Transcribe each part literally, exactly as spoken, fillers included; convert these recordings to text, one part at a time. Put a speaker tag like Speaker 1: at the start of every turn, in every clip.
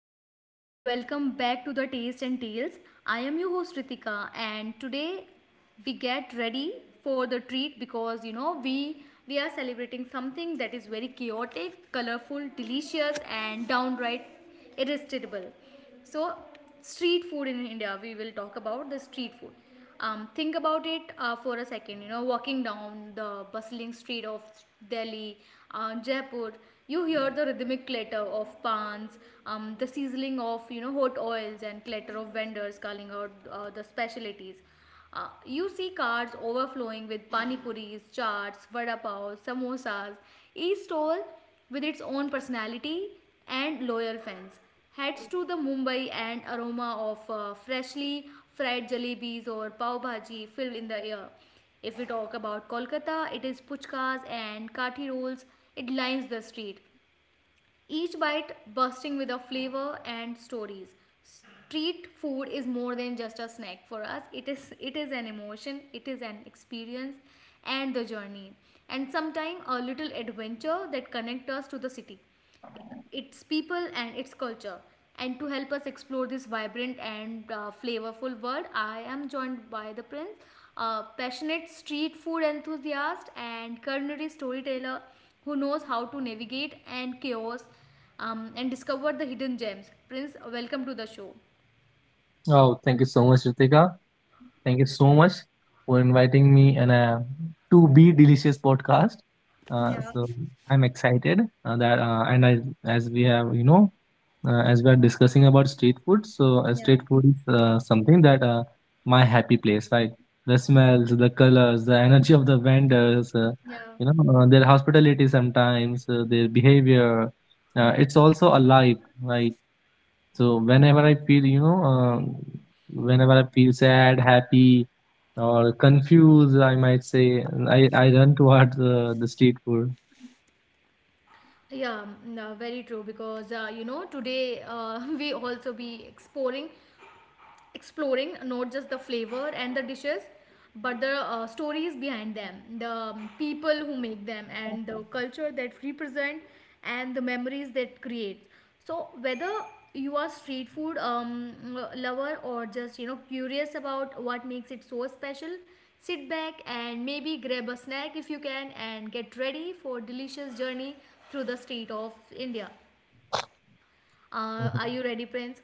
Speaker 1: everyone and welcome back to the Taste and Tales. I am your host Ritika and today we get ready for the treat because you know we we are celebrating something that is very chaotic, colorful, delicious and downright irresistible. So, street food in India, we will talk about the street food. Um, think about it uh, for a second. You know, walking down the bustling street of Delhi, uh, Jaipur, you hear the rhythmic clatter of pans, um, the sizzling of you know hot oils, and clatter of vendors calling out uh, the specialties. Uh, you see carts overflowing with pani puris, chaats, vada pav, samosas, each stall with its own personality and loyal fans heads to the Mumbai and aroma of uh, freshly fried jalebis or pav bhaji fill in the air. If we talk about Kolkata, it is puchkas and kathi rolls. It lines the street, each bite bursting with a flavor and stories. Street food is more than just a snack for us. It is it is an emotion, it is an experience and the journey and sometimes a little adventure that connect us to the city, its people and its culture. And to help us explore this vibrant and uh, flavorful world, I am joined by the prince, a passionate street food enthusiast and culinary storyteller who knows how to navigate and chaos, um, and discover the hidden gems. Prince, welcome to the show.
Speaker 2: Oh, thank you so much, Ritika. Thank you so much for inviting me in a to be delicious podcast. Uh,
Speaker 1: Yeah,
Speaker 2: so I'm excited uh, that uh, and I as we have you know uh, as we are discussing about street food. So uh,
Speaker 1: yeah,
Speaker 2: street food is uh, something that uh, my happy place, right? The smells, the colors, the energy of the vendors, uh,
Speaker 1: yeah.
Speaker 2: you know uh, their hospitality sometimes, uh, their behavior. Uh, it's also alive, right? So whenever I feel, you know, uh, whenever I feel sad, happy, or confused, I might say, I, I run towards uh, the street food.
Speaker 1: Yeah, no, very true. Because uh, you know, today uh, we also be exploring exploring not just the flavor and the dishes but the uh, stories behind them, the um, people who make them and the culture that represent and the memories that create. So whether you are street food um, lover or just you know curious about what makes it so special, sit back and maybe grab a snack if you can and get ready for delicious journey through the street of India. Uh,
Speaker 2: Mhm.
Speaker 1: are you ready, Prince?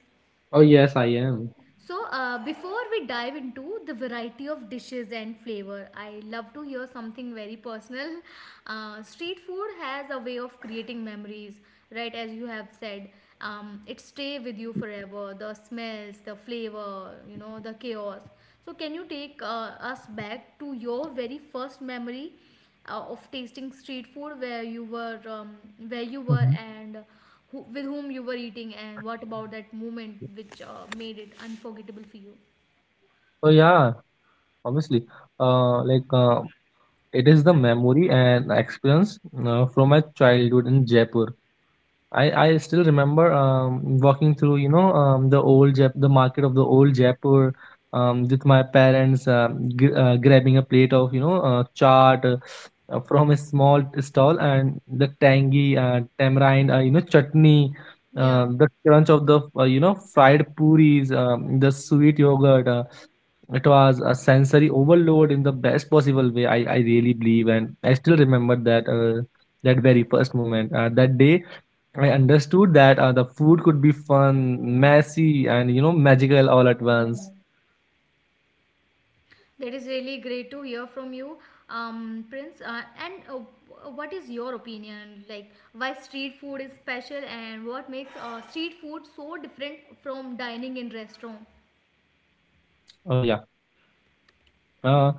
Speaker 2: Oh, yes, I am.
Speaker 1: So, uh, before we dive into the variety of dishes and flavor, I love to hear something very personal. Uh, street food has a way of creating memories, right? As you have said, um, it stay with you forever. The smells, the flavor, you know, the chaos. So, can you take uh, us back to your very first memory uh, of tasting street food, where you were um, where you were
Speaker 2: Mhm.
Speaker 1: and who, with whom you were eating and what about that moment which uh, made it unforgettable for you?
Speaker 2: So yeah, obviously, uh, like uh, it is the memory and experience uh, from my childhood in Jaipur. I, I still remember um, walking through, you know, um, the old Jap- the market of the old Jaipur, um, with my parents, um, g- uh, grabbing a plate of, you know, uh, chaat, uh, uh, from a small stall, and the tangy uh, tamarind, uh, you know, chutney, uh,
Speaker 1: Yeah,
Speaker 2: the crunch of the, uh, you know, fried puris, um, the sweet yogurt. Uh, it was a sensory overload in the best possible way. I, I really believe, and I still remember that uh, that very first moment. Uh, that day I understood that uh, the food could be fun, messy, and you know, magical all at once.
Speaker 1: that is really great to hear from you, um, Prince. Uh, and uh, what is your opinion? Like, why street food is special, and what makes uh, street food so different from dining in restaurant?
Speaker 2: Oh, yeah. Uh,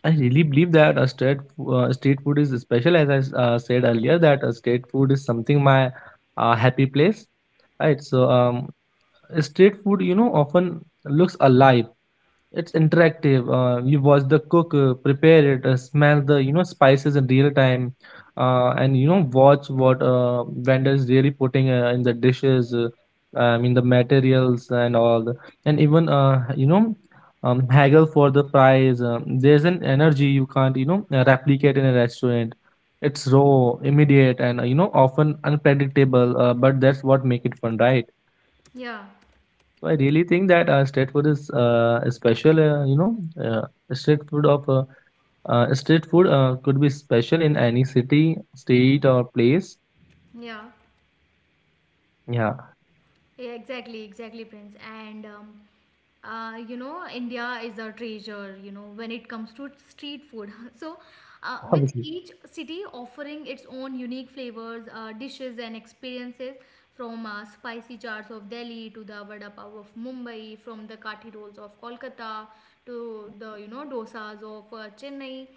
Speaker 2: I really believe that uh, street fo- uh, street food is special, as I s- uh, said earlier, that uh, street food is something my uh, happy place, right? So um, street food, you know, often looks alive. It's interactive. Uh, you watch the cook uh, prepare it, uh, smell the you know spices in real time, uh, and you know watch what uh, vendor is really putting uh, in the dishes. Uh, I mean the materials and all, the, and even uh, you know um, haggle for the price. Um, there's an energy you can't you know uh, replicate in a restaurant. It's raw, immediate, and uh, you know often unpredictable. Uh, but that's what make it fun, right?
Speaker 1: Yeah,
Speaker 2: So I really think that uh, street food is uh, a special. Uh, you know, uh, street food of uh, uh, street food uh, could be special in any city, state, or place.
Speaker 1: yeah.
Speaker 2: Yeah.
Speaker 1: Yeah, exactly, exactly, Prince. And um, uh, you know, India is a treasure. You know, when it comes to street food, so uh, with
Speaker 2: Obviously.
Speaker 1: each city offering its own unique flavors, uh, dishes, and experiences. From uh, spicy chaats of Delhi to the vada pav of Mumbai, from the kathi rolls of Kolkata to the you know dosas of uh, Chennai,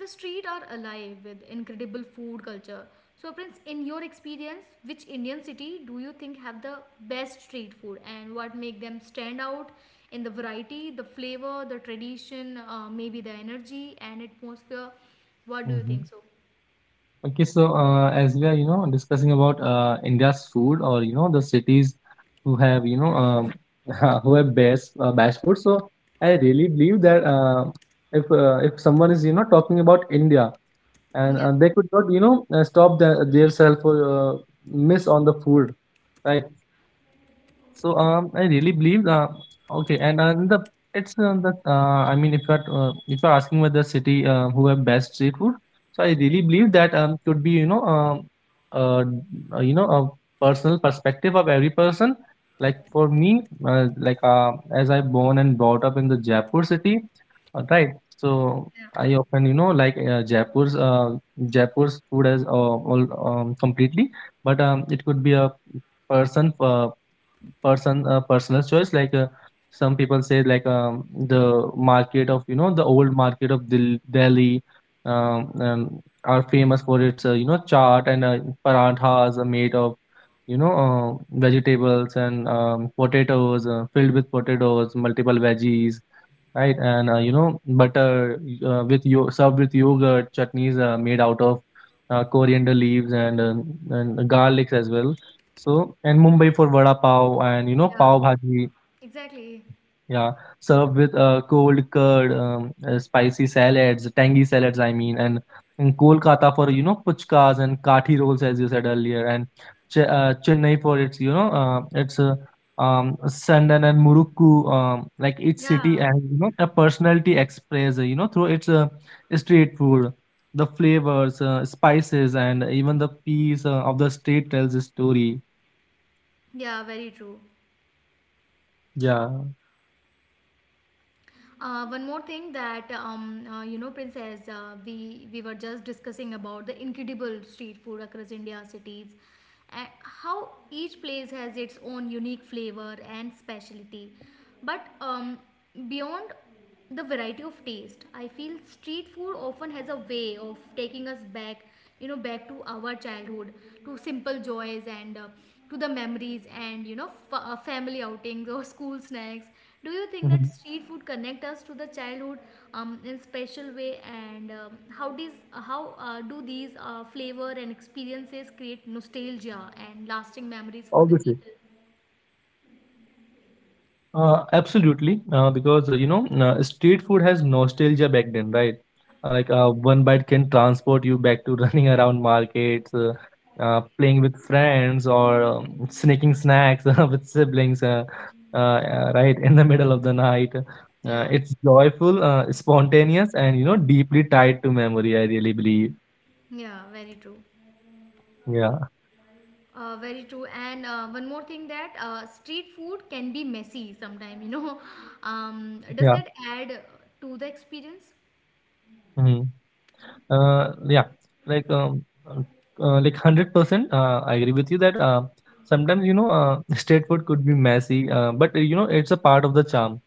Speaker 1: the streets are alive with incredible food culture. So, Prince, in your experience, which Indian city do you think have the best street food and what make them stand out in the variety, the flavor, the tradition, uh, maybe the energy and atmosphere? What do you
Speaker 2: hmm
Speaker 1: think? So,
Speaker 2: Okay, so uh, as we are you know discussing about uh, India's food, or you know the cities who have you know um, who have best uh, best food. So I really believe that uh, if uh, if someone is you know talking about India, and
Speaker 1: yeah,
Speaker 2: uh, they could not you know uh, stop the, their self, or uh, miss on the food, right? So um, I really believe, uh, okay, and uh, the it's uh, the uh, I mean if you're uh, if you're asking whether city uh, who have best street food, so I really believe that um could be you know um uh, uh you know a personal perspective of every person. Like for me, uh, like uh, as I born and brought up in the Jaipur city, uh, right? So
Speaker 1: yeah,
Speaker 2: I often you know like uh, Jaipur's uh, Jaipur's food as uh, all um, completely, but um it could be a person uh, person uh, personal choice, like uh, some people say like um, the market of you know the old market of Dil- delhi, um, um, are famous for its uh, you know chaat, and uh, paranthas are made of you know uh, vegetables and, um, potatoes, uh, filled with potatoes, multiple veggies. Right, and uh, you know, butter, uh, with yo served with yogurt, chutneys uh, made out of uh, coriander leaves, and um, and garlics as well. So, and Mumbai for vada pav and you know
Speaker 1: yeah,
Speaker 2: pav bhaji,
Speaker 1: exactly.
Speaker 2: yeah, served with a cold curd, um, uh, spicy salads, tangy salads, I mean, and in Kolkata for you know puchkas and kathi rolls, as you said earlier, and Ch uh, Chennai for its you know uh, its uh, um, sandan and murukku. Um, like each city
Speaker 1: Yeah,
Speaker 2: has you know a personality expressed you know through its uh, street food, the flavors, uh, spices, and even the peace uh, of the street tells a story.
Speaker 1: yeah, very true.
Speaker 2: Yeah.
Speaker 1: Uh, one more thing that um, uh, you know, Princess, uh, we we were just discussing about the incredible street food across India cities, and how each place has its own unique flavor and specialty. But um, beyond the variety of taste, I feel street food often has a way of taking us back, you know, back to our childhood, to simple joys and uh, to the memories and you know f- uh, family outings or school snacks. Do you think that street food connect us to the childhood um, in special way, and um, how these how uh, do these uh, flavor and experiences create nostalgia and lasting memories for the
Speaker 2: Obviously.
Speaker 1: people?
Speaker 2: Uh, absolutely, uh, because uh, you know uh, street food has nostalgia back then, right? Uh, like uh, one bite can transport you back to running around markets, uh, uh, playing with friends, or um, sneaking snacks with siblings, uh, uh, uh, right in the middle of the night. Uh,
Speaker 1: Yeah,
Speaker 2: it's joyful, uh, spontaneous, and you know deeply tied to memory. I really believe.
Speaker 1: yeah, very true.
Speaker 2: Yeah,
Speaker 1: Uh, very true. And uh, one more thing that uh, street food can be messy sometimes, you know. Um, does
Speaker 2: yeah.
Speaker 1: that add to the experience?
Speaker 2: Mm-hmm. Uh, yeah, like um, uh, uh, like hundred percent. Uh, I agree with you that uh, sometimes you know uh, street food could be messy, uh, but uh, you know it's a part of the charm.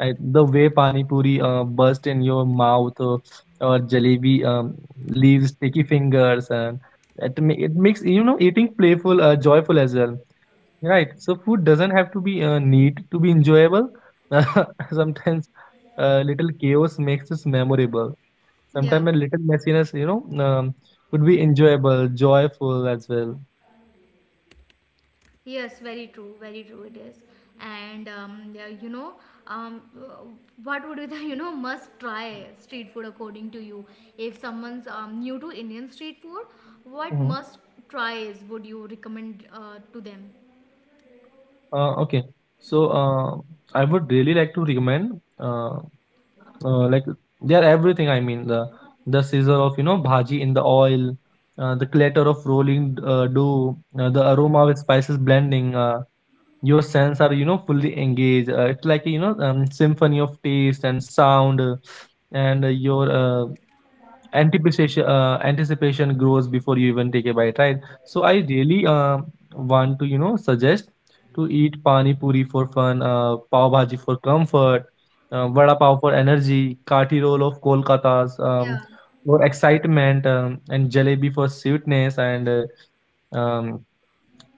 Speaker 2: I, the way pani puri uh, burst in your mouth, uh, or jalebi um, leaves sticky fingers, and it ma- it makes you know eating playful, uh, joyful as well. Right. So food doesn't have to be uh, neat to be enjoyable. Sometimes uh, little chaos makes it memorable.
Speaker 1: Yeah.
Speaker 2: Sometimes a little messiness, you know, um, could be enjoyable, joyful as well.
Speaker 1: Yes, very true. Very true it is. And um, yeah, you know, um, uh, what would be the, you know, must try street food according to you? If someone's um, new to Indian street food, what
Speaker 2: Mhm.
Speaker 1: must tries would you recommend uh, to them?
Speaker 2: Uh, okay, so uh, I would really like to recommend, uh, uh, like they are everything. I mean the the sizzle of you know bhaji in the oil, uh, the clatter of rolling uh, dough, uh, the aroma of spices blending. Uh, your sense are you know fully engaged. Uh, it's like you know um, symphony of taste and sound, uh, and uh, your uh, anticipation uh, anticipation grows before you even take a bite, right? So I really uh, want to you know suggest to eat pani puri for fun, uh, pav bhaji for comfort, uh, vada pav for energy, kati roll of Kolkata's, um,
Speaker 1: Yeah.
Speaker 2: for excitement, um, and jalebi for sweetness, and uh, um,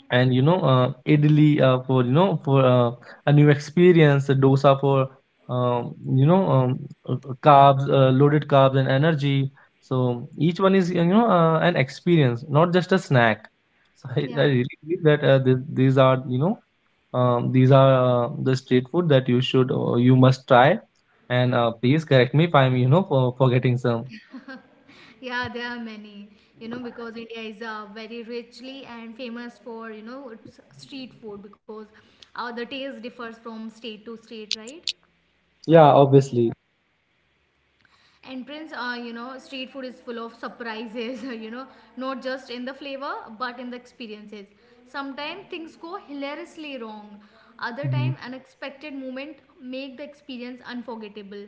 Speaker 2: and you know uh, idli, uh, for you know for uh, a new experience, a dosa for, um, you know um, uh, uh, carbs uh, loaded carbs and energy. So each one is you know uh, an experience, not just a snack. So i, I
Speaker 1: Yeah.
Speaker 2: really believe that uh, th- these are, you know um, these are uh, the street food that you should uh, you must try, and uh, please correct me if i'm you know for, forgetting some.
Speaker 1: Yeah, there are many, you know, because India is uh, very richly and famous for you know its street food, because uh, the taste differs from state to state, right?
Speaker 2: Yeah, obviously.
Speaker 1: Entrance, uh, you know, street food is full of surprises, you know, not just in the flavor but in the experiences. Sometimes things go hilariously wrong, other time unexpected moment make the experience unforgettable.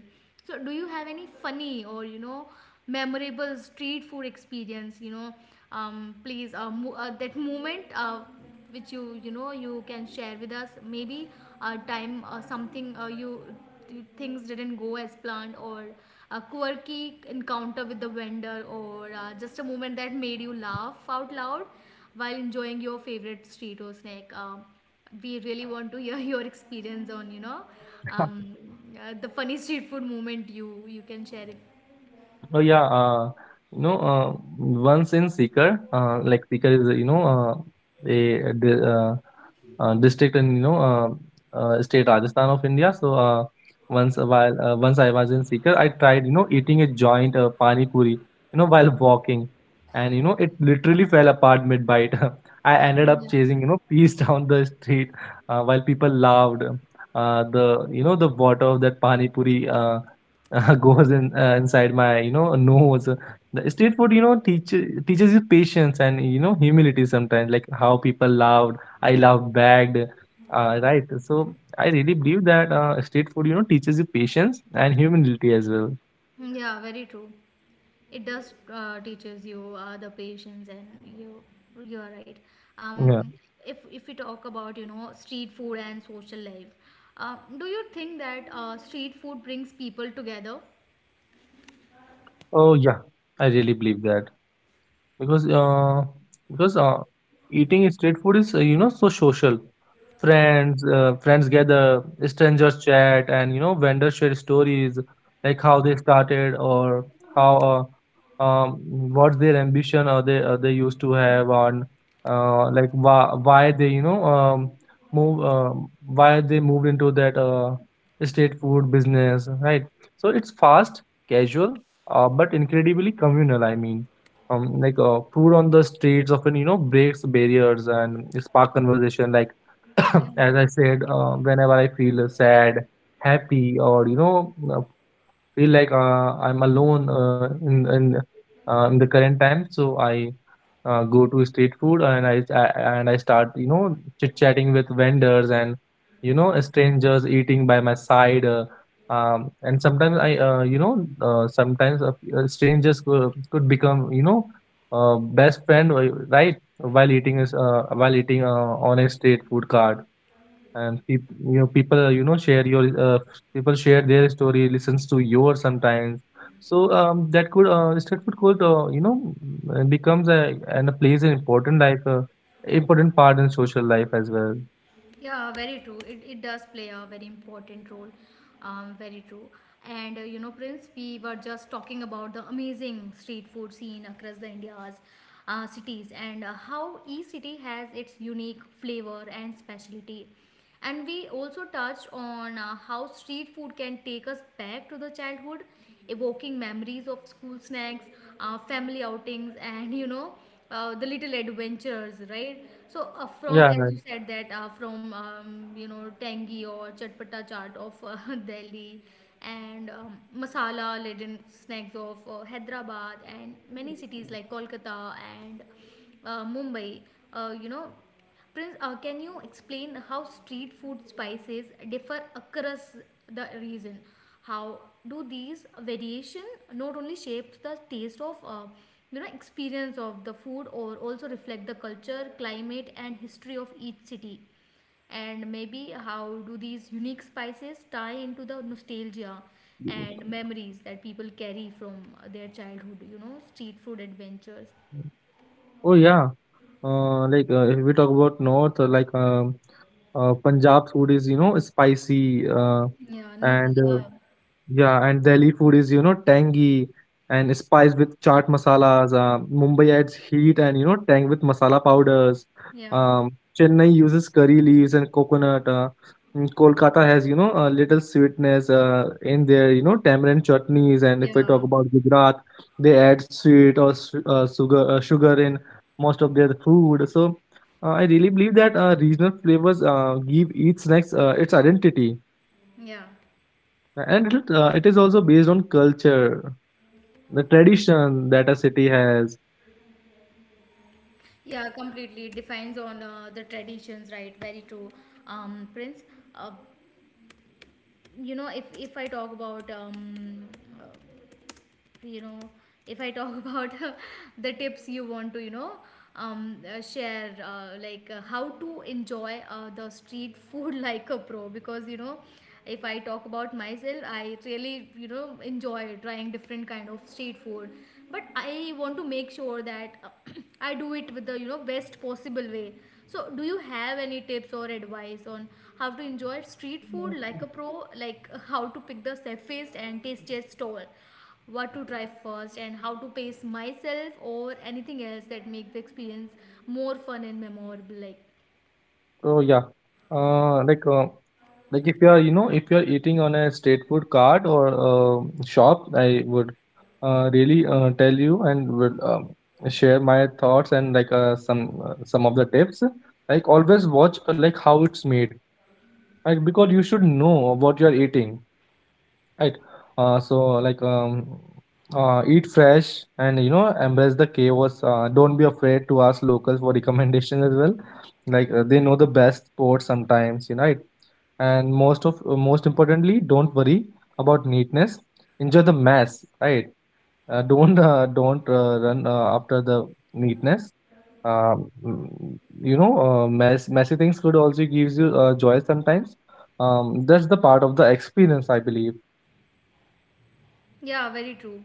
Speaker 1: So do you have any funny or you know memorable street food experience, you know, um, please uh, mo- uh, that moment uh, which you you know, you can share with us. Maybe a time uh, something uh, you things didn't go as planned, or a quirky encounter with the vendor, or uh, just a moment that made you laugh out loud while enjoying your favorite street or snack. Um, we really want to hear your experience on you know um, uh, the funny street food moment you you can share it.
Speaker 2: Oh, yeah, uh, you know, uh, once in Sikar, uh, like Sikar is you know uh, a, a di- uh, uh, district in you know uh, uh, state Rajasthan of India. So uh, once a while, uh, once I was in Sikar, I tried you know eating a joint uh, pani puri, you know, while walking, and you know it literally fell apart mid bite. I ended up
Speaker 1: Yeah,
Speaker 2: chasing you know peas down the street, uh, while people laughed. Uh, the you know the water of that pani puri, Uh, uh, goes in, uh, inside my you know nose. The street food you know teach, teaches you patience and you know humility sometimes, like how people loved, I loved bagged. Uh, right, so I really believe that uh, street food you know teaches you patience and humility as well.
Speaker 1: yeah, very true. It does uh, teaches you uh, the patience and you you are right.
Speaker 2: Yeah.
Speaker 1: um if if we talk about you know street food and social life, uh, do you think that uh, street food brings people together?
Speaker 2: Oh, yeah, I really believe that, because uh, because uh, eating street food is, uh, you know so social. Friends uh, friends gather, strangers chat, and you know vendors share stories, like how they started, or how uh, um, what's their ambition, or they uh, they used to have on. Uh, like why, why they you know um, move um why they moved into that uh, street food business, right? So it's fast, casual, uh, but incredibly communal, I mean. Um, like uh, food on the streets often you know breaks barriers and spark conversation, like
Speaker 1: Yeah.
Speaker 2: as I said, uh, whenever I feel sad, happy, or you know uh, feel like uh, I'm alone, uh, in in uh, in the current time. So I uh, go to street food, and I, I and I start you know chit chatting with vendors, and you know strangers eating by my side. Uh, um, and sometimes I uh, you know uh, sometimes uh, uh, strangers could, could become you know uh, best friend, uh, right? While eating is, uh, while eating uh, on a street food cart, and peop you know people uh, you know share your, uh, people share their story, listens to yours sometimes. So um, that could uh, street food could, uh, you know uh, becomes a and a plays an important life uh, important part in social life as well.
Speaker 1: Yeah, very true. it, it does play a very important role. Um, very true. And uh, you know, Prince, we were just talking about the amazing street food scene across the India's uh, cities and uh, how each city has its unique flavor and specialty. And we also touched on uh, how street food can take us back to the childhood, evoking memories of school snacks, uh, family outings, and you know, uh, the little adventures, right? So, uh, from,
Speaker 2: Yeah,
Speaker 1: as you said, that uh, from um, you know tangy or chatpata chaat of uh, Delhi, and um, masala laden snacks of uh, Hyderabad and many cities like Kolkata and uh, Mumbai, uh, you know, Prince, uh, can you explain how street food spices differ across the region? How do these variation not only shapes the taste of uh, you know experience of the food or also reflect the culture, climate and history of each city? And maybe how do these unique spices tie into the nostalgia and
Speaker 2: right.
Speaker 1: memories that people carry from their childhood, you know, street food adventures?
Speaker 2: Oh yeah, uh, like uh, if we talk about north, uh, like, um, uh, Punjab food is you know spicy. Uh,
Speaker 1: Yeah, n-
Speaker 2: and uh,
Speaker 1: yeah,
Speaker 2: Yeah, and Delhi food is, you know, tangy and spiced with chaat masalas. Um, Mumbai adds heat and, you know, tang with masala powders.
Speaker 1: yeah,
Speaker 2: Um, Chennai uses curry leaves and coconut. Uh, mm, Kolkata has, you know, a little sweetness uh, in their, you know, tamarind chutneys. And if I talk
Speaker 1: yeah.
Speaker 2: about Gujarat, they add sweet or su- uh, sugar uh, sugar in most of their food. So, uh, I really believe that uh, regional flavors uh, give each snacks uh, its identity.
Speaker 1: Yeah,
Speaker 2: And it, uh, it is also based on culture, the tradition that a city has.
Speaker 1: yeah, completely. It depends on uh, the traditions, right? Very true, um, Prince. Uh, you know, if if I talk about um, you know if i talk about the tips you want to, you know, um, uh, share uh, like uh, how to enjoy uh, the street food like a pro. Because you know, if I talk about myself, I really you know enjoy trying different kind of street food, but I want to make sure that I do it with the you know best possible way. So do you have any tips or advice on how to enjoy street food like a pro, like uh, how to pick the safest and tastiest stall, what to try first and how to pace myself, or anything else that make the experience more fun and memorable, like?
Speaker 2: So yeah, uh, like uh, like if you are you know if you are eating on a street food cart or, uh, shop, I would uh, really uh, tell you and would, um, share my thoughts and, like, uh, some uh, some of the tips. Like, always watch, uh, like how it's made, like because you should know what you are eating. Right. Uh, so, like, um, uh, eat fresh and you know embrace the chaos. Uh, don't be afraid to ask locals for recommendations as well. Like, uh, they know the best sports sometimes, you know right? And most of uh, most importantly, don't worry about neatness. Enjoy the mess, right. Uh, don't uh, don't uh, run uh, after the neatness. Um, mm, you know uh, mess messy things could also gives you uh, joy sometimes. Um, that's the part of the experience, I believe.
Speaker 1: Yeah, very true.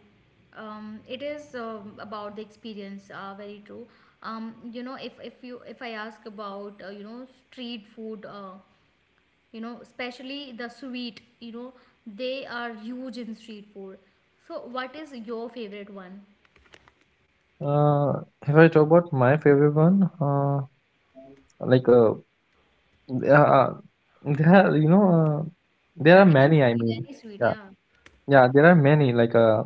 Speaker 1: Um, it is um, about the experience. Uh, very true. Um, you know, if if you if I ask about uh, you know street food, uh, you know, especially the sweet, you know, they are huge in street food. So, what is your favorite one?
Speaker 2: Uh, if I talk about my favorite one, uh, like, uh, there are, uh, there are you know uh, there are
Speaker 1: Any
Speaker 2: many. I
Speaker 1: sweet,
Speaker 2: mean,
Speaker 1: any sweet,
Speaker 2: yeah,
Speaker 1: yeah.
Speaker 2: yeah, there are many, like, uh,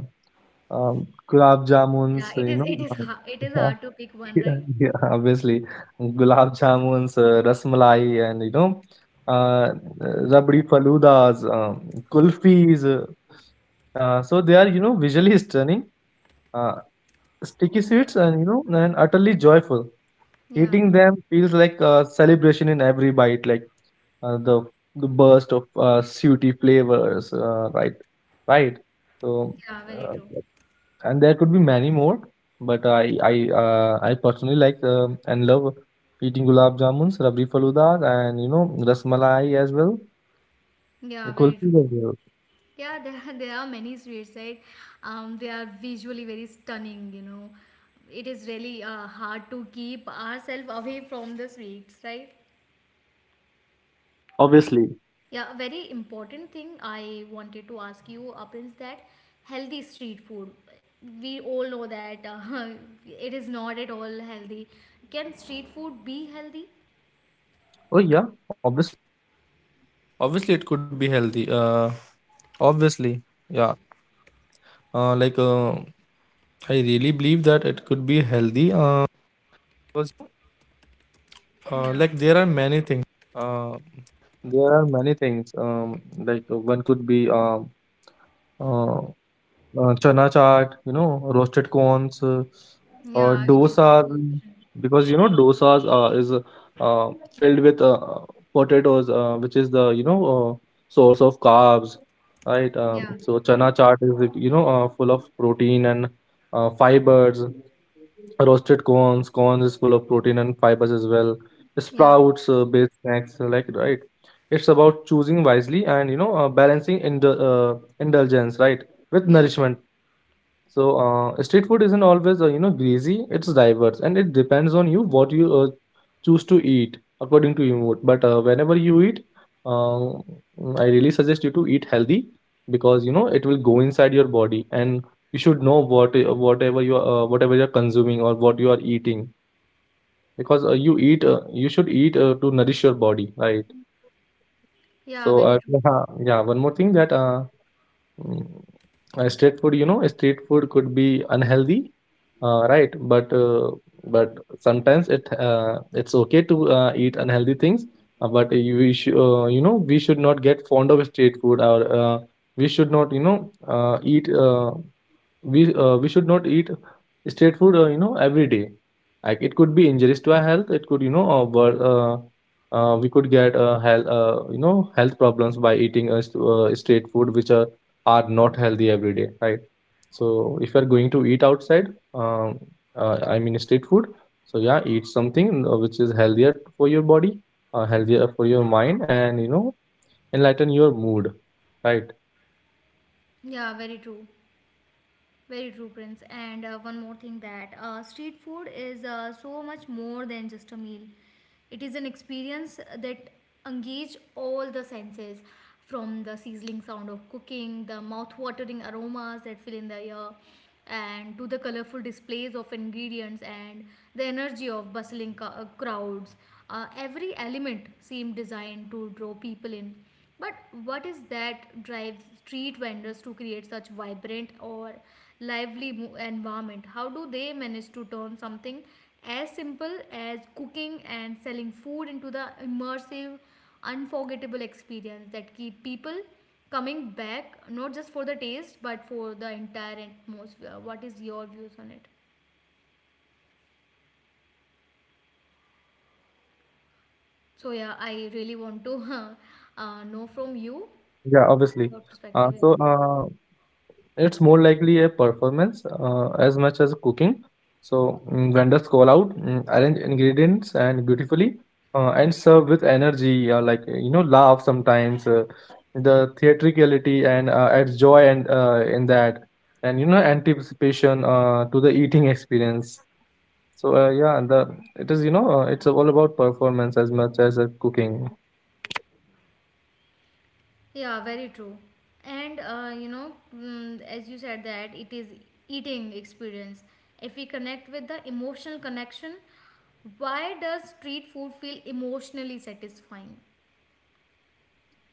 Speaker 2: um, gulab
Speaker 1: Yeah,
Speaker 2: jamuns.
Speaker 1: it
Speaker 2: You
Speaker 1: is.
Speaker 2: know,
Speaker 1: It is. Hard. It is
Speaker 2: uh,
Speaker 1: hard to pick one,
Speaker 2: yeah, yeah, obviously, gulab jamuns, uh, rasmalai, and you know, uh, rabdi faludas, um, kulfis. Uh, uh, so they are, you know visually stunning, uh, sticky sweets,
Speaker 1: right?
Speaker 2: and you know, and utterly joyful.
Speaker 1: Yeah,
Speaker 2: Eating them feels like a celebration in every bite, like, uh, the the burst of uh, sooty flavors, uh, right? Right. So,
Speaker 1: yeah, very
Speaker 2: uh,
Speaker 1: true.
Speaker 2: and there could be many more, but I I uh, I personally like, um and love eating gulab jamuns, rabri faludas, and, you know rasmalai as well,
Speaker 1: Yeah, very
Speaker 2: kulfi as
Speaker 1: true.
Speaker 2: well.
Speaker 1: Yeah, there are, there are many sweets, right? Um, they are visually very stunning, you know. It is really uh, hard to keep ourselves away from the sweets, right?
Speaker 2: Yeah, obviously.
Speaker 1: Yeah, a very important thing I wanted to ask you, uh, Prince, that healthy street food. We all know that uh, it is not at all healthy. Can street food be healthy? Yeah,
Speaker 2: One could be, um, uh, uh, chana chaat, you know, roasted corns, uh, or
Speaker 1: yeah, it is
Speaker 2: dosa,
Speaker 1: healthy option.
Speaker 2: because you know dosas uh, is uh, filled with uh, potatoes, uh, which is the, you know uh, source of carbs, right? Um,
Speaker 1: Yeah,
Speaker 2: so chana chaat is, you know uh, full of protein and uh, fibers. Roasted corns corns is full of protein and fibers as well.
Speaker 1: yeah,
Speaker 2: Sprouts, uh, baked snacks, uh, like, right. It's about choosing wisely and, you know uh, balancing indul- indulgence, right, with
Speaker 1: yeah.
Speaker 2: nourishment. So, uh, street food isn't always, uh, you know greasy. It's diverse, and it depends on you what you uh, choose to eat according to your mood. But, uh, whenever you eat, uh, I really suggest you to eat healthy, because you know it will go inside your body, and you should know what uh, whatever you are, uh, whatever you're consuming or what you are eating. Uh, you eat uh, you should eat uh, to nourish your body, right?
Speaker 1: Yeah,
Speaker 2: So, uh,
Speaker 1: very true.
Speaker 2: yeah, yeah. One more thing that, uh, Mm, uh, street food, you know, street food could be unhealthy, uh, right? But uh, but sometimes it uh, it's okay to uh, eat unhealthy things. Uh, but you we sh- uh, you know we should not get fond of street food, or uh, we should not, you know uh, eat. Uh, we uh, we should not eat street food, uh, you know every day. Like, it could be injurious to our health. It could, you know uh, wor- uh, uh, we could get uh, health, uh, you know health problems by eating, uh, st- uh, straight food which are are not healthy every day, right. So if you are going to eat outside, um, uh, I mean street food, so yeah, eat something, uh, which is healthier for your body, uh, healthier for your mind and, you know enlighten your mood, right.
Speaker 1: Yeah, very true. Very true, Prince. And uh, one more thing that uh, street food is uh, so much more than just a meal. It is an experience that engage all the senses, from the sizzling sound of cooking, the mouth-watering aromas that fill in the air, and to the colorful displays of ingredients and the energy of bustling co- uh, crowds. Uh, every element seemed designed to draw people in. But what is that drives street vendors to create such vibrant or lively mo- environment? How do they manage to turn something as simple as cooking and selling food into the immersive, unforgettable experience that keep people coming back not just for the taste but for the entire atmosphere? What is your views on it? So yeah, I really want to uh, know from you
Speaker 2: Yeah, obviously.
Speaker 1: your
Speaker 2: uh,
Speaker 1: perspective. Yeah.
Speaker 2: so uh, It's more likely a performance, uh, as much as cooking. So, mm, vendors call out, mm, arrange ingredients and beautifully, uh, and serve with energy. Uh, like, you know, laugh sometimes, uh, the theatricality and uh, adds joy and, uh, in that, and, you know, anticipation uh, to the eating experience. So, uh, yeah, the it is, you know uh, it's all about performance as much as uh, cooking.
Speaker 1: Yeah, very true. And uh, you know, mm, as you said that it is eating experience. If we connect with the emotional connection, why does street food feel emotionally satisfying?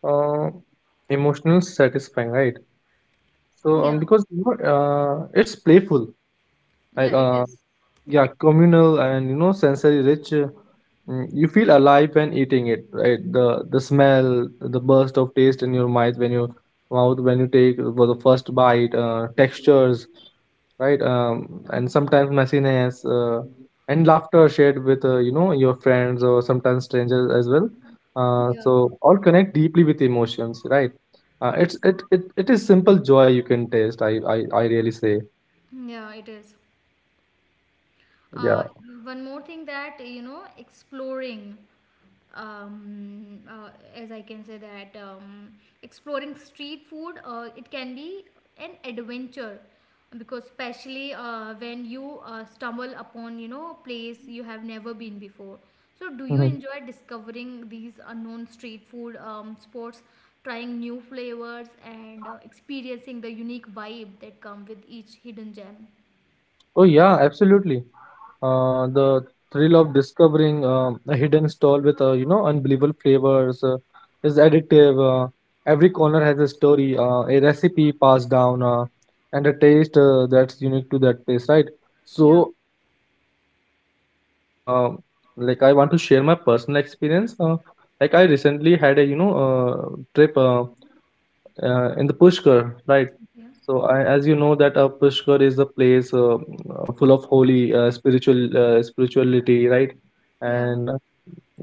Speaker 2: Uh, Emotional satisfying, right? So, um,
Speaker 1: Yeah,
Speaker 2: because, you know, uh, it's playful. I,
Speaker 1: yeah, it
Speaker 2: uh,
Speaker 1: is.
Speaker 2: yeah, communal and, you know sensory rich. Uh, Mm, you feel alive when eating it, right? The the smell, the burst of taste in your mouth when you, mouth when you take for the first bite, uh, textures, right. Um, and sometimes messiness, uh, and laughter shared with, uh, you know your friends or sometimes strangers as well. Uh,
Speaker 1: Yeah,
Speaker 2: so all connect deeply with emotions, right. uh, it's it, it it is simple joy you can taste. I i, I really say.
Speaker 1: yeah, it is.
Speaker 2: Yeah.
Speaker 1: Uh, One more thing that you know, exploring. Um, uh, as I can say that um, exploring street food uh, it can be an adventure because especially uh, when you uh, stumble upon you know place you have never been before. So do you enjoy discovering these unknown street food um, spots, trying new flavors and uh, experiencing the unique vibe that come with each hidden gem?
Speaker 2: Oh yeah, absolutely. Uh, the thrill of discovering uh, a hidden stall with, uh, you know unbelievable flavors uh, is addictive. Uh, every corner has a story, uh, a recipe passed down, uh, and a taste uh, that's unique to that place, right?
Speaker 1: Yeah,
Speaker 2: So, uh, like, I want to share my personal experience. Uh, like, I recently had a, you know uh, trip. Uh, uh, in the Pushkar, right?
Speaker 1: yeah,
Speaker 2: So, I, as you know, that, uh, Pushkar is a place, uh, uh, full of holy, uh, spiritual uh, spirituality, right?
Speaker 1: yeah,
Speaker 2: And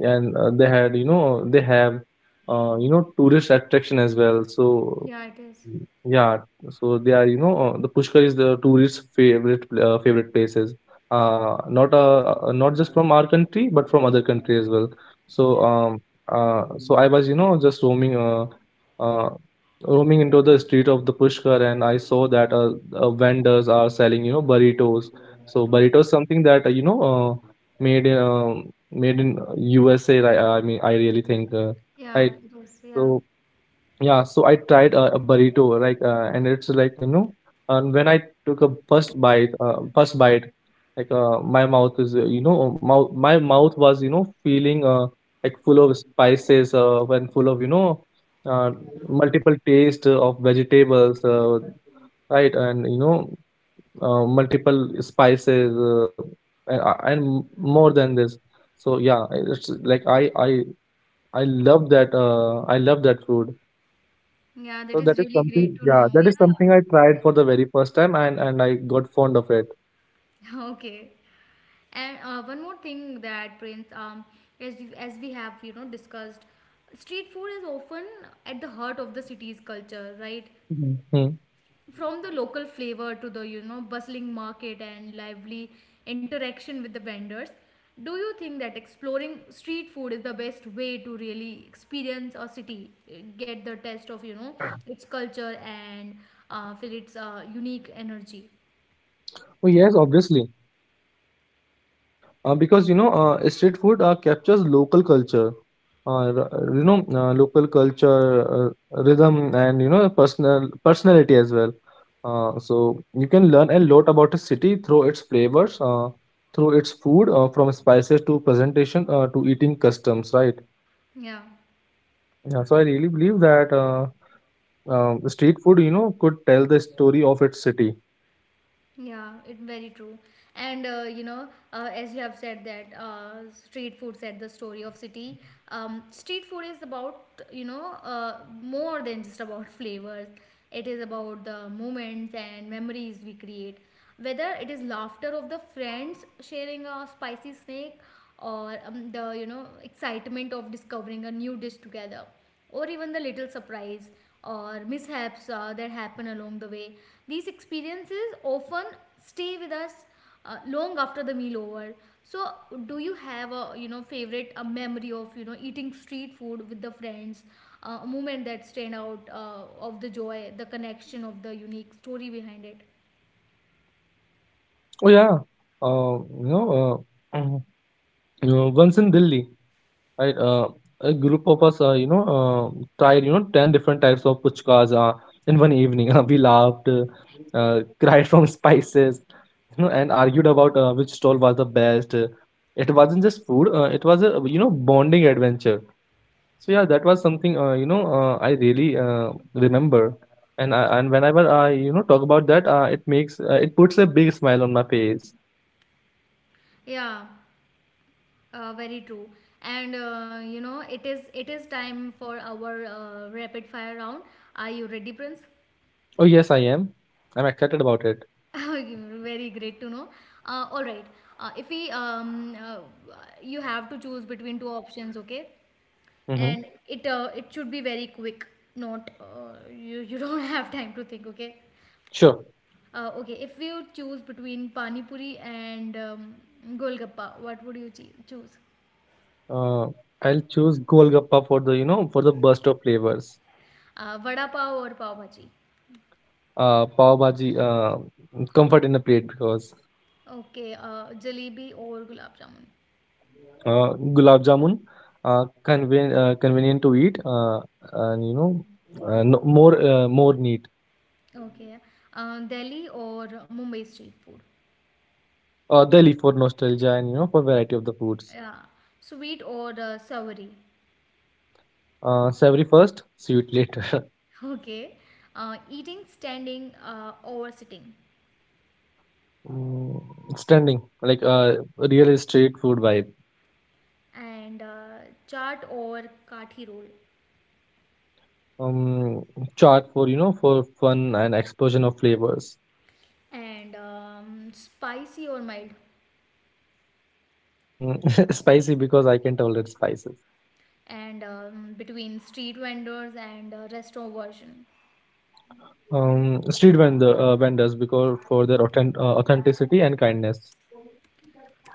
Speaker 2: and uh, they had, you know, they have, uh, you know, tourist attraction as well. So
Speaker 1: yeah. It is.
Speaker 2: yeah, so they are, you know, uh, the Pushkar is the tourist favorite, pl- uh, favorite places. Uh, not uh, uh, not just from our country, but from other country as well. So
Speaker 1: Yeah.
Speaker 2: um uh so I was, you know, just roaming uh uh roaming into the street of the Pushkar, and I saw that, uh, uh vendors are selling, you know, burritos. So
Speaker 1: Okay.
Speaker 2: burritos, something that, uh, you know uh made in um made in uh, U S A. I I mean I really think, uh,
Speaker 1: Yeah,
Speaker 2: right.
Speaker 1: it is. Yeah.
Speaker 2: So yeah, so I tried, uh, a burrito, like, uh, and it's like, you know, and when I took a first bite, uh, first bite, like, uh, my mouth is uh, you know, mouth my mouth was, you know feeling, uh, like, full of spices, uh, and full of, you know, uh, multiple taste of vegetables, uh, right, and, you know, uh, multiple spices, uh, and, uh, and m- more than this. So yeah, it's like I I I love that uh, I love that food.
Speaker 1: Yeah, that
Speaker 2: So that
Speaker 1: is
Speaker 2: is
Speaker 1: really great
Speaker 2: something,
Speaker 1: to
Speaker 2: yeah,
Speaker 1: know.
Speaker 2: that
Speaker 1: Yeah.
Speaker 2: is something I tried for the very first time, and and I got fond of it.
Speaker 1: Okay. And uh, one more thing that Prince, um, as you, as we have you know discussed, street food is often at the heart of the city's culture, right?
Speaker 2: Mhm. Hmm.
Speaker 1: From the local flavor to the you know bustling market and lively interaction with the vendors. Do you think that exploring street food is the best way to really experience a city, eh, get the taste of you know its culture and uh, feel its uh, unique energy?
Speaker 2: Oh yes, obviously. Uh, because, you know, uh, street food uh, captures local culture, uh, r- uh, you know, uh, local culture, uh, rhythm, and, you know, personal personality as well. Uh, so you can learn a lot about a city through its flavors, uh, through its food, uh, from spices to presentation, uh, to eating customs, right?
Speaker 1: Yeah,
Speaker 2: Yeah. So I really believe that. Uh, Um, street food, you know, could tell the story of its city.
Speaker 1: yeah, it very true. And uh, you know, uh, as you have said that uh, street food said the story of city. Um, street food is about you know uh, more than just about flavors. It is about the moments and memories we create. Whether it is laughter of the friends sharing a spicy snake, or um, the you know excitement of discovering a new dish together, or even the little surprise or mishaps uh, that happen along the way. These experiences often stay with us uh, long after the meal over. So, do you have a you know favorite a memory of you know eating street food with the friends, uh, a moment that stand out uh, of the joy, the connection of the unique story behind it?
Speaker 2: Oh yeah. uh, you know, uh, Mhm. You know, once in Delhi, I, uh, a group of us, uh, you know, uh, tried, you know, ten different types of puchkas, uh, in one evening. We laughed, uh, uh, cried from spices, you know, and argued about uh, which stall was the best. It wasn't just food; uh, it was a, you know bonding adventure. So yeah, that was something, uh, you know uh, I really uh, remember, and I, and whenever I, you know talk about that, uh, it makes uh, it puts a big smile on my face.
Speaker 1: Yeah, uh, very true. And uh, you know it is it is time for our uh, rapid fire round. Are you ready, Prince?
Speaker 2: Oh yes, I am. I'm excited about it.
Speaker 1: Okay, very great to know. Uh, all right. Uh, if we, um, uh, you have to choose between two options, okay?
Speaker 2: Mm-hmm.
Speaker 1: And it uh, it should be very quick. Not uh, you you don't have time to think, okay?
Speaker 2: Sure.
Speaker 1: Uh, okay. If you choose between pani puri and um, golgappa, what would you chee- choose?
Speaker 2: Uh, I'll choose Golgappa for the you know for the burst of flavors.
Speaker 1: Uh, Vada pav or pav bhaji?
Speaker 2: Uh, pav bhaji, uh, comfort in a plate. Because,
Speaker 1: Okay. Uh, Jalebi or gulab jamun?
Speaker 2: uh, gulab jamun, uh, conven- uh, convenient to eat, uh, and, you know uh, no, more uh, more neat.
Speaker 1: Okay. Uh, Delhi or Mumbai street food?
Speaker 2: Uh, Delhi for nostalgia and, you know for variety of the foods.
Speaker 1: Yeah, sweet or uh, savory.
Speaker 2: Uh, savory first, sweet later.
Speaker 1: Okay, uh, eating standing uh, or sitting,
Speaker 2: Mm, Stunning, like, uh, real street food vibe.
Speaker 1: and uh, chaat or kathi roll,
Speaker 2: Um, Chaat for you know for fun and explosion of flavors.
Speaker 1: and um, spicy or mild,
Speaker 2: Mm, spicy because I can tolerate spices.
Speaker 1: and um, between street vendors and uh, restaurant version.
Speaker 2: Um, street vendor uh, vendors because for their authentic, uh, authenticity and kindness.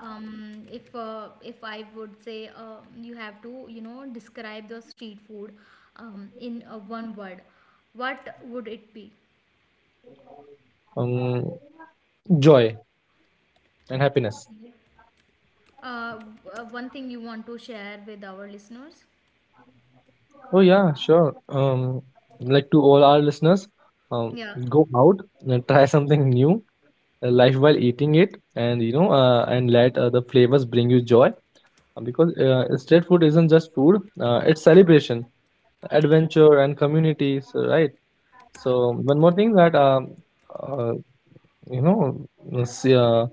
Speaker 1: Um, if uh, if I would say uh, you have to you know describe the street food um, in uh, one word, what would it be?
Speaker 2: Um, Joy and happiness.
Speaker 1: Uh, uh, One thing you want to share with our listeners?
Speaker 2: Oh yeah, sure. Um, like, to all our listeners, um,
Speaker 1: Yeah,
Speaker 2: go out and try something new, uh, life while eating it. And you know uh, and let, uh, the flavors bring you joy. Uh, because, uh, street food isn't just food. Uh, it's celebration, adventure, and communities, uh, right. So one more thing that, um, uh, you know s- uh,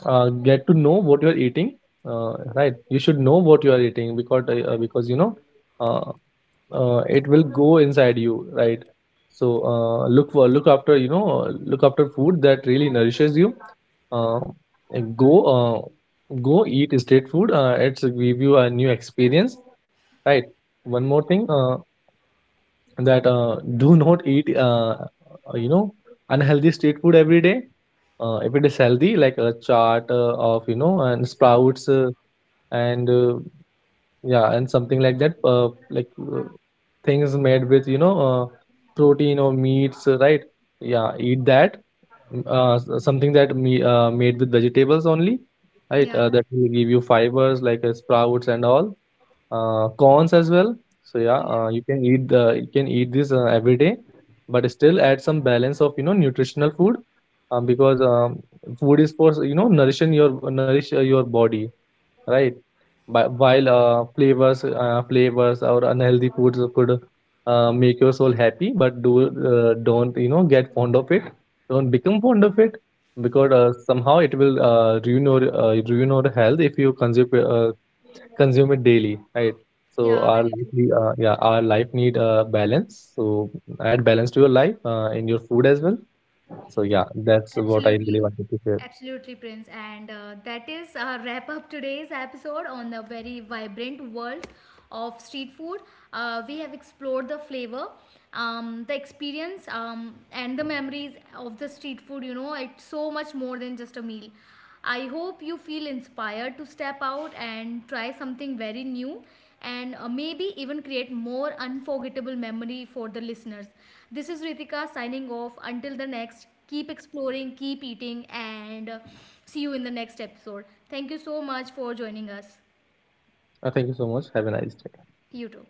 Speaker 2: uh, get to know what you're eating. uh, right, you should know what you are eating. Because uh, because, you know uh, uh, it will go inside you, right. So, uh, look for look after you know look after food that really nourishes you. uh, and go uh, go eat street food. Uh, it's give you a new experience, right. One more thing, uh, that, uh, do not eat, uh, you know unhealthy street food every day. Uh, if it is healthy, like a chart, uh, of, you know and sprouts, uh, and, uh, yeah, and something like that, uh, like, uh, things made with, you know uh, protein or meats, uh, right. Yeah, eat that. Mm, uh, s- uh, something that me uh, made with vegetables only. Right,
Speaker 1: yeah,
Speaker 2: uh, that will give you fibers, like, uh, sprouts and all. Uh, corns as well. So yeah,
Speaker 1: yeah,
Speaker 2: uh, you can eat the you can eat this uh, every day, but still add some balance of, you know nutritional food. Um, because, um, food is for, you know nourishing your nourish uh, your body, right. But while, uh, flavors, uh, flavors or unhealthy foods could, uh, make your soul happy, but, do uh, don't, you know get fond of it. Don't become fond of it, because, uh, somehow it will, uh, ruin your uh, ruin your health if you consume uh, consume it daily, right? So
Speaker 1: yeah,
Speaker 2: our
Speaker 1: very
Speaker 2: life,
Speaker 1: true.
Speaker 2: need- uh, yeah, our life need, uh, balance. So add balance to your life, uh, in your food as well. So yeah, that's what I
Speaker 1: Absolutely.
Speaker 2: really wanted to share.
Speaker 1: Absolutely, Prince. And uh, that is a wrap up today's episode on the very vibrant world of street food. Uh, we have explored the flavor, um, the experience, um, and the memories of the street food. You know, it's so much more than just a meal. I hope you feel inspired to step out and try something very new and uh, maybe even create more unforgettable memory for the listeners. This is Ritika signing off. Until the next, keep exploring, keep eating and uh, see you in the next episode. Thank you so much for joining us.
Speaker 2: Uh, thank you so much. Have a nice day.
Speaker 1: You too.